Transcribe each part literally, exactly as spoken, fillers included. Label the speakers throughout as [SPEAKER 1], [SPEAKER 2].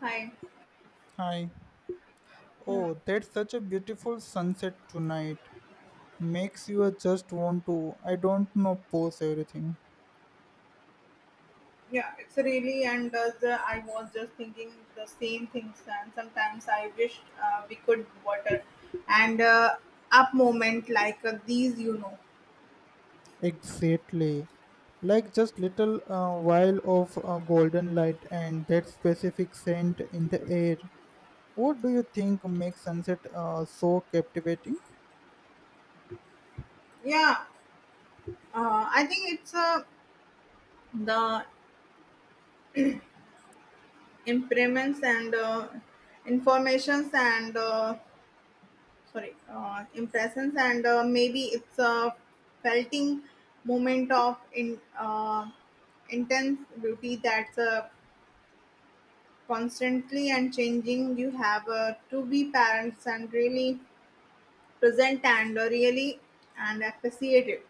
[SPEAKER 1] Hi.
[SPEAKER 2] Hi.
[SPEAKER 1] Yeah,
[SPEAKER 2] Oh, that's such a beautiful sunset tonight. Makes you just want to, I don't know, pose everything.
[SPEAKER 1] yeah, it's really and uh, the, I was just thinking the same things, and sometimes I wish uh, we could water and uh, up moment like uh, these, you know.
[SPEAKER 2] Exactly. Like just little uh, while of uh, golden light and that specific scent in the air. What do you think makes sunset uh, so captivating?
[SPEAKER 1] Yeah, uh, I think it's uh, the improvements and uh, informations and uh, sorry, uh, impressions, and uh, maybe it's a felting moment of in uh, intense beauty that's uh, constantly and changing. You have uh, to be parents and really present and uh, really and appreciative.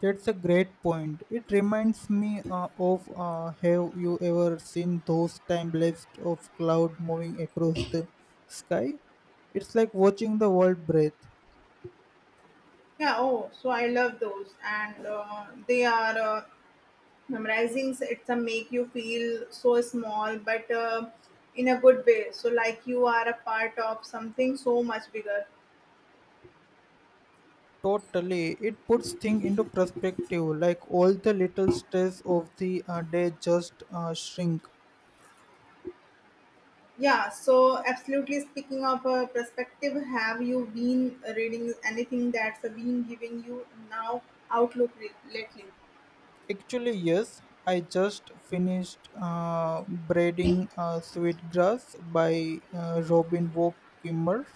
[SPEAKER 2] That's a great point. It reminds me uh, of uh, have you ever seen those time lapses of cloud moving across the sky? It's like watching the world breathe.
[SPEAKER 1] Yeah, oh, so I love those, and uh, they are uh, memorizing. So it's a make you feel so small, but uh, in a good way, so like you are a part of something so much bigger.
[SPEAKER 2] Totally, it puts things into perspective. Like all the little stress of the uh, day just uh, shrink.
[SPEAKER 1] Yeah, so absolutely. Speaking of uh, perspective, have you been reading anything that's been giving you now outlook re- lately?
[SPEAKER 2] Actually, yes, I just finished uh, braiding uh, sweet grass by uh, Robin Walk Kimmer.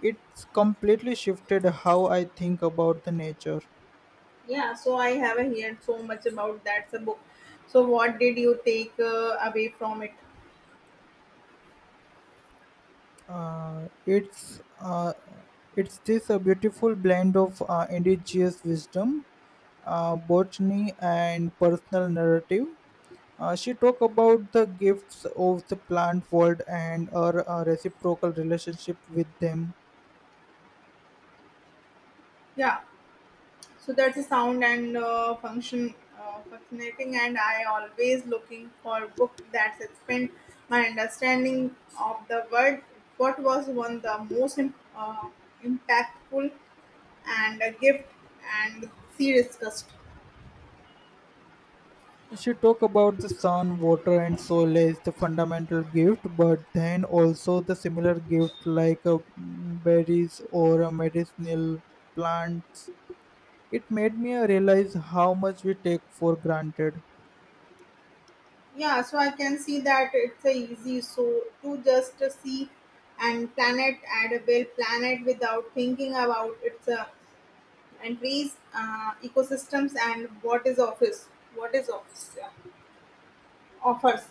[SPEAKER 2] It's completely shifted how I think about the nature.
[SPEAKER 1] Yeah, so I have heard so much about that so book. So what did you take uh, away from it?
[SPEAKER 2] Uh, it's uh, it's this a beautiful blend of uh, indigenous wisdom, uh, botany, and personal narrative. Uh, she talked about the gifts of the plant world and her uh, reciprocal relationship with them.
[SPEAKER 1] Yeah, so that's a sound and uh, function uh, fascinating, and I always looking for book that expand my understanding of the world. What was one the most im- uh, impactful and a gift and see discussed.
[SPEAKER 2] She talked about the sun, water, and soil as the fundamental gift, but then also the similar gift like uh, mm, berries or uh, medicinal plants. It made me realize how much we take for granted.
[SPEAKER 1] Yeah, so I can see that it's a easy so to just see and planet add a well planet without thinking about its uh, and trees, uh, ecosystems, and what is office, what is office yeah, offers.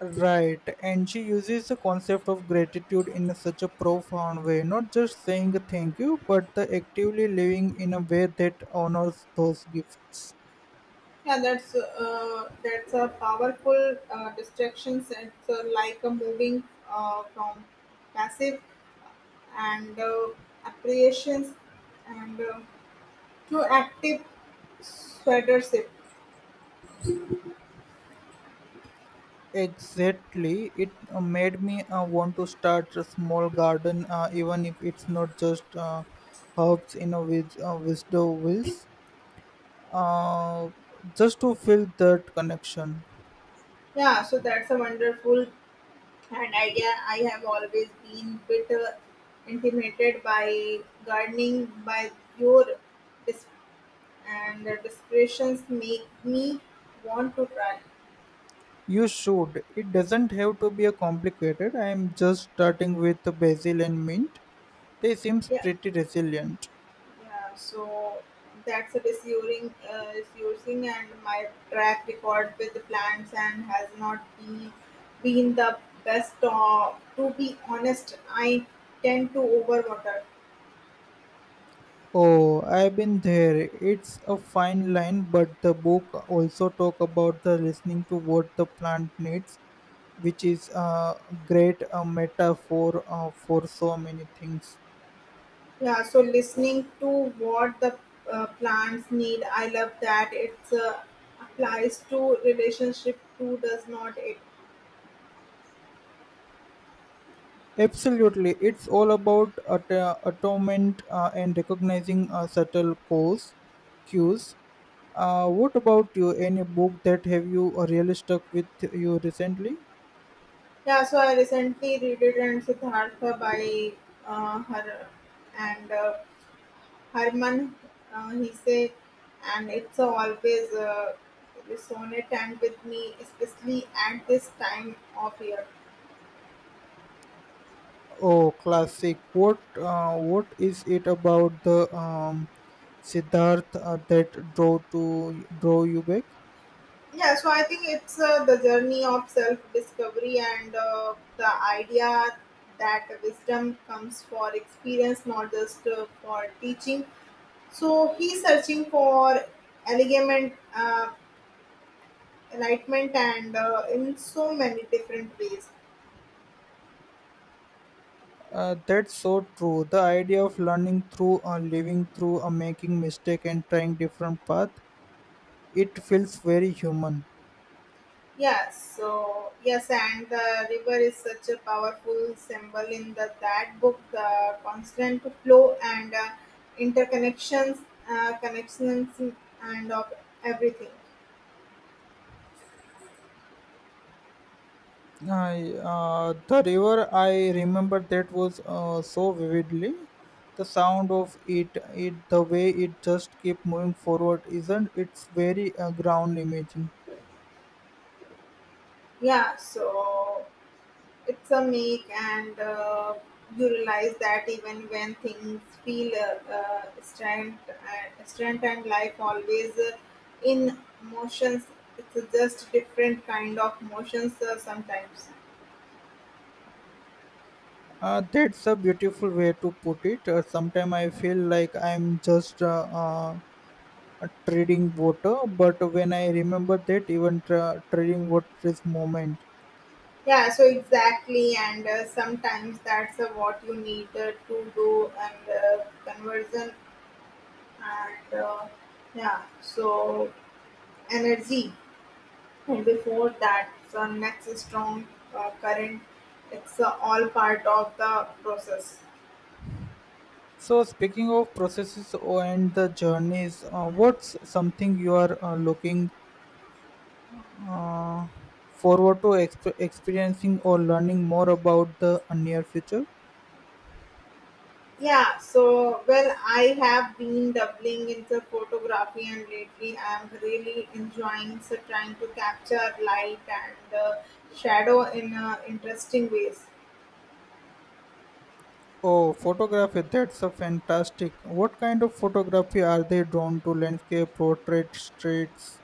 [SPEAKER 2] Right, and she uses the concept of gratitude in such a profound way, not just saying thank you, but the actively living in a way that honors those gifts.
[SPEAKER 1] Yeah, that's uh, that's a powerful uh, distractions. It's uh, like a moving uh, from passive and uh, appreciations and uh, to active sweatership.
[SPEAKER 2] Exactly, it uh, made me uh, want to start a small garden, uh, even if it's not just uh, herbs in a wis- uh, wisdom wills, uh, just to feel that connection.
[SPEAKER 1] Yeah, so that's a wonderful an idea. I have always been bit uh, intimidated by gardening by your dis- and the descriptions make me want to try.
[SPEAKER 2] You should. It doesn't have to be a complicated. I am just starting with the basil and mint. They seem
[SPEAKER 1] Yeah,
[SPEAKER 2] pretty resilient.
[SPEAKER 1] yeah. So that's a disusing, uh, disusing, and my track record with the plants and has not been been the best. Uh, to be honest, I tend to overwater.
[SPEAKER 2] Oh, I've been there. It's a fine line, but the book also talk about the listening to what the plant needs, which is a great uh, metaphor uh, for so many things.
[SPEAKER 1] Yeah, so listening to what the uh, plants need, I love that. It's uh, applies to relationship too, does not it?
[SPEAKER 2] Absolutely, it's all about at- uh, atonement uh, and recognizing uh, subtle cues. cues. Uh, what about you? Any book that have you uh, really stuck with you recently?
[SPEAKER 1] Yeah, so I recently read it and Siddhartha by uh, her and uh, Harman uh, he say, and it's always uh, resonate and with me, especially at this time of year.
[SPEAKER 2] Oh, classic. What uh, what is it about the um, Siddharth uh, that draw to draw you back?
[SPEAKER 1] Yeah, so I think it's uh, the journey of self discovery, and uh, the idea that wisdom comes for experience, not just uh, for teaching. So he's searching for enlightenment, uh, enlightenment and uh, in so many different ways.
[SPEAKER 2] Uh, that's so true. The idea of learning through or living through or making mistake and trying different path, it feels very human.
[SPEAKER 1] Yes, so yes, and the river is such a powerful symbol in the that book. The constant flow and uh, interconnections, uh, connections, and of everything.
[SPEAKER 2] I, uh, the river, I remember that was uh, so vividly. The sound of it, it, the way it just keep moving forward, isn't it's very uh, ground imaging.
[SPEAKER 1] Yeah, so it's a make, and uh, you realize that even when things feel uh, uh, strength, uh, strength and life always uh, in motions. It's just different kind of motions uh, sometimes.
[SPEAKER 2] Uh, that's a beautiful way to put it. Uh, Sometimes I feel like I'm just uh, uh, uh, trading water, but when I remember that even tra- trading water is moment.
[SPEAKER 1] Yeah, so exactly, and uh, sometimes that's uh, what you need uh, to do and uh, conversion and uh, yeah, so energy. And before that, the next strong uh, current, it's uh, all part of the process.
[SPEAKER 2] So speaking of processes o- and the journeys uh, what's something you are uh, looking uh, forward to exp- experiencing or learning more about the uh, near future.
[SPEAKER 1] Yeah, so well, I have been doubling into photography, and lately I am really enjoying so trying to capture light and uh, shadow in uh, interesting ways.
[SPEAKER 2] Oh, photography, that's a fantastic. What kind of photography are they drawn to? Landscape, portrait, streets?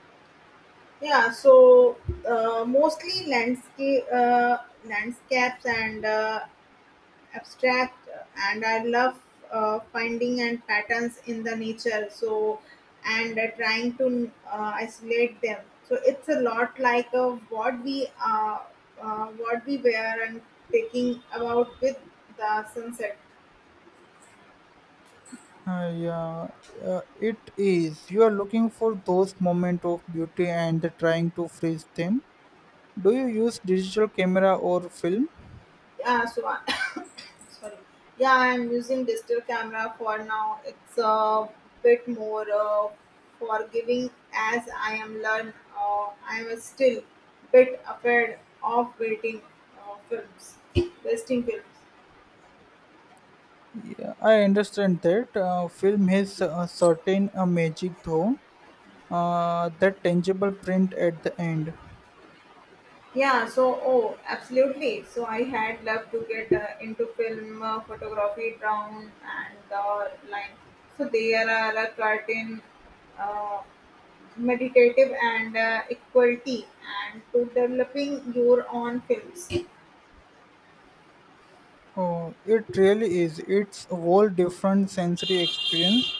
[SPEAKER 1] Yeah, so uh, mostly landscape, uh, landscapes and uh, abstract, and I love uh, finding and patterns in the nature. So and uh, trying to uh, isolate them. So it's a lot like uh, what we uh, uh, what we were and taking about with the sunset.
[SPEAKER 2] Uh, yeah, uh, it is. You are looking for those moments of beauty and trying to freeze them. Do you use digital camera or film?
[SPEAKER 1] Yeah, so I, sorry, yeah, I'm using digital camera for now. It's a bit more uh, forgiving as I am learn uh, I am still bit afraid of waiting uh, films wasting films.
[SPEAKER 2] Yeah, I understand that. Uh, film has a certain uh, magic though. Uh, that tangible print at the end.
[SPEAKER 1] Yeah, so oh, absolutely. So I had loved to get uh, into film uh, photography down and uh, line. So there are a curtain uh, meditative and uh, equality and to developing your own films.
[SPEAKER 2] Oh, it really is. It's a whole different sensory experience.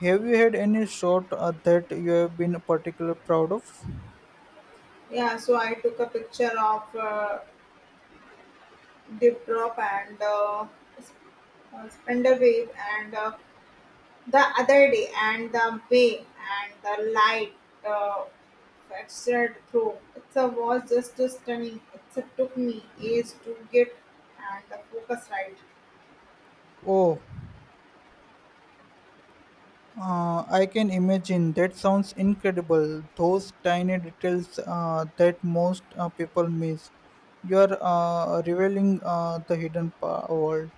[SPEAKER 2] Have you had any shot uh, that you have been particularly proud of?
[SPEAKER 1] Yeah, so I took a picture of uh, dip drop and uh, uh, spender wave and uh, the other day, and the way and the light uh, filtered through it was just stunning. It took me ages to get and the focus right.
[SPEAKER 2] Oh, Uh, I can imagine that sounds incredible. Those tiny details uh, that most uh, people miss. You are uh, revealing uh, the hidden pa- world.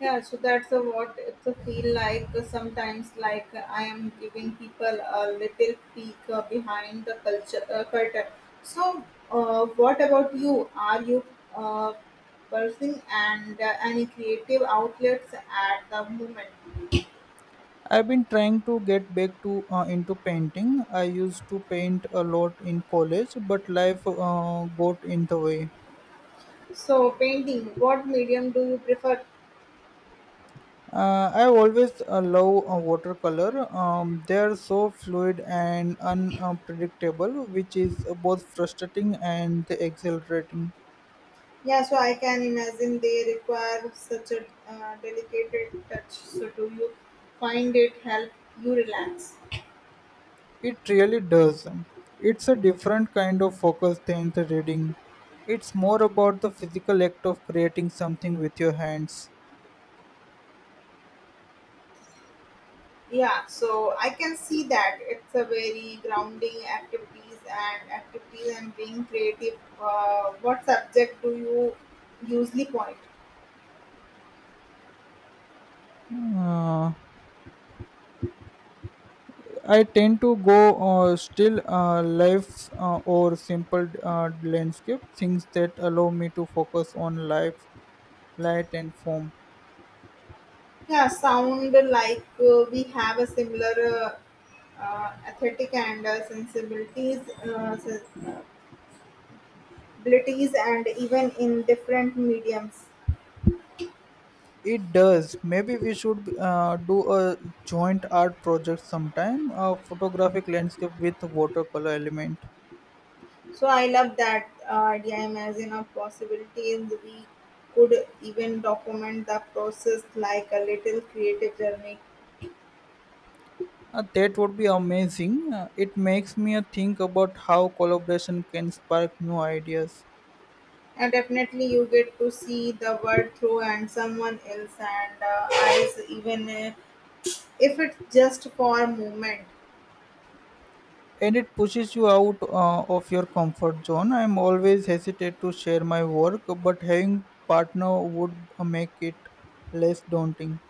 [SPEAKER 1] Yeah, so that's a, what it feel like uh, sometimes. Like uh, I am giving people a little peek uh, behind the culture uh, curtain. So, uh, what about you? Are you uh, pursuing and uh, any creative outlets at the moment?
[SPEAKER 2] I've been trying to get back to uh, into painting. I used to paint a lot in college, but life uh, got in the way.
[SPEAKER 1] So, painting. What medium do you prefer?
[SPEAKER 2] Uh, I always uh, love uh, watercolor. Um, they are so fluid and unpredictable, which is both frustrating and exhilarating.
[SPEAKER 1] Yeah, so I can imagine they require such a uh, delicate touch. So, do you find it help you relax?
[SPEAKER 2] It really does. It's a different kind of focus than the reading. It's more about the physical act of creating something with your hands.
[SPEAKER 1] Yeah, so I can see that it's a very grounding activities and activities and being creative. Uh, what subject do you usually point?
[SPEAKER 2] Uh, I tend to go uh, still uh, life uh, or simple uh, landscape, things that allow me to focus on life, light, and form.
[SPEAKER 1] Yeah, sound like uh, we have a similar uh, uh, aesthetic and uh, sensibilities, uh, sen- abilities, and even in different mediums.
[SPEAKER 2] It does. Maybe we should uh, do a joint art project sometime, a photographic landscape with watercolor element.
[SPEAKER 1] So I love that uh, idea. Imagine of possibilities we could even document the process like a little creative journey.
[SPEAKER 2] Uh, that would be amazing. Uh, it makes me think about how collaboration can spark new ideas.
[SPEAKER 1] And definitely, you get to see the world through and someone else and uh, eyes, even uh, if it's just for a moment.
[SPEAKER 2] And it pushes you out uh, of your comfort zone. I'm always hesitate to share my work, but having partner would uh, make it less daunting.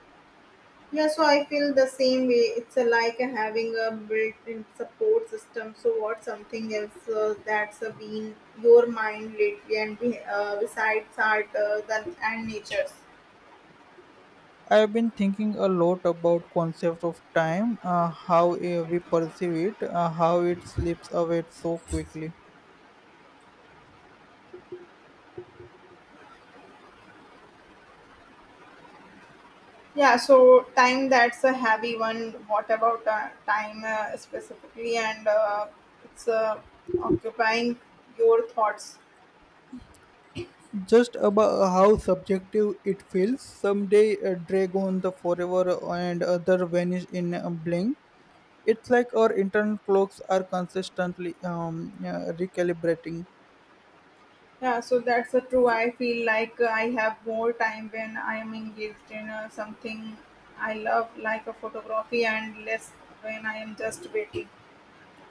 [SPEAKER 1] Yeah, so I feel the same way. It's uh, like having a built-in support system. So what's something else uh, that's uh, been your mind lately, and be- uh, besides art uh, than, and natures.
[SPEAKER 2] I've been thinking a lot about concept of time, uh, how uh, we perceive it, uh, how it slips away so quickly.
[SPEAKER 1] Yeah, so time, that's a heavy one. What about uh, time uh, specifically, and uh, it's uh, occupying your thoughts?
[SPEAKER 2] Just about how subjective it feels. Some day uh, Dragon the Forever and other vanish in a blink. It's like our internal clocks are consistently um, uh, recalibrating.
[SPEAKER 1] Yeah, so that's a true. I feel like uh, I have more time when I am engaged in uh, something I love, like a photography, and less when I am just waiting.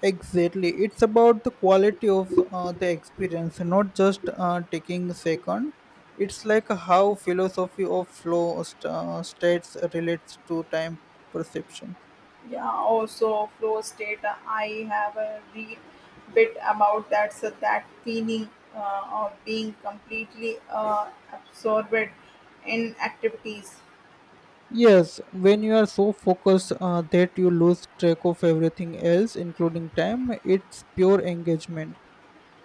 [SPEAKER 2] Exactly. It's about the quality of uh, the experience, not just uh, taking a second. It's like how philosophy of flow st- uh, states relates to time perception.
[SPEAKER 1] Yeah, also flow state. Uh, I have a read bit about that. So that feeling uh, of being completely uh, absorbed in activities.
[SPEAKER 2] Yes, when you are so focused uh, that you lose track of everything else, including time, it's pure engagement.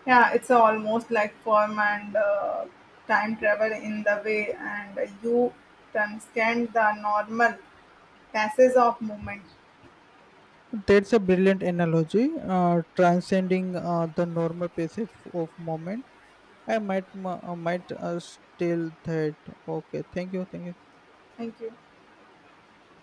[SPEAKER 1] Yeah, it's almost like form and uh, time travel in the way, and you transcend the normal. Passes of movement.
[SPEAKER 2] That's a brilliant analogy, uh, transcending uh, the normal passage of moment. I might m- uh, might uh, still that. Okay, thank you, thank you.
[SPEAKER 1] Thank you.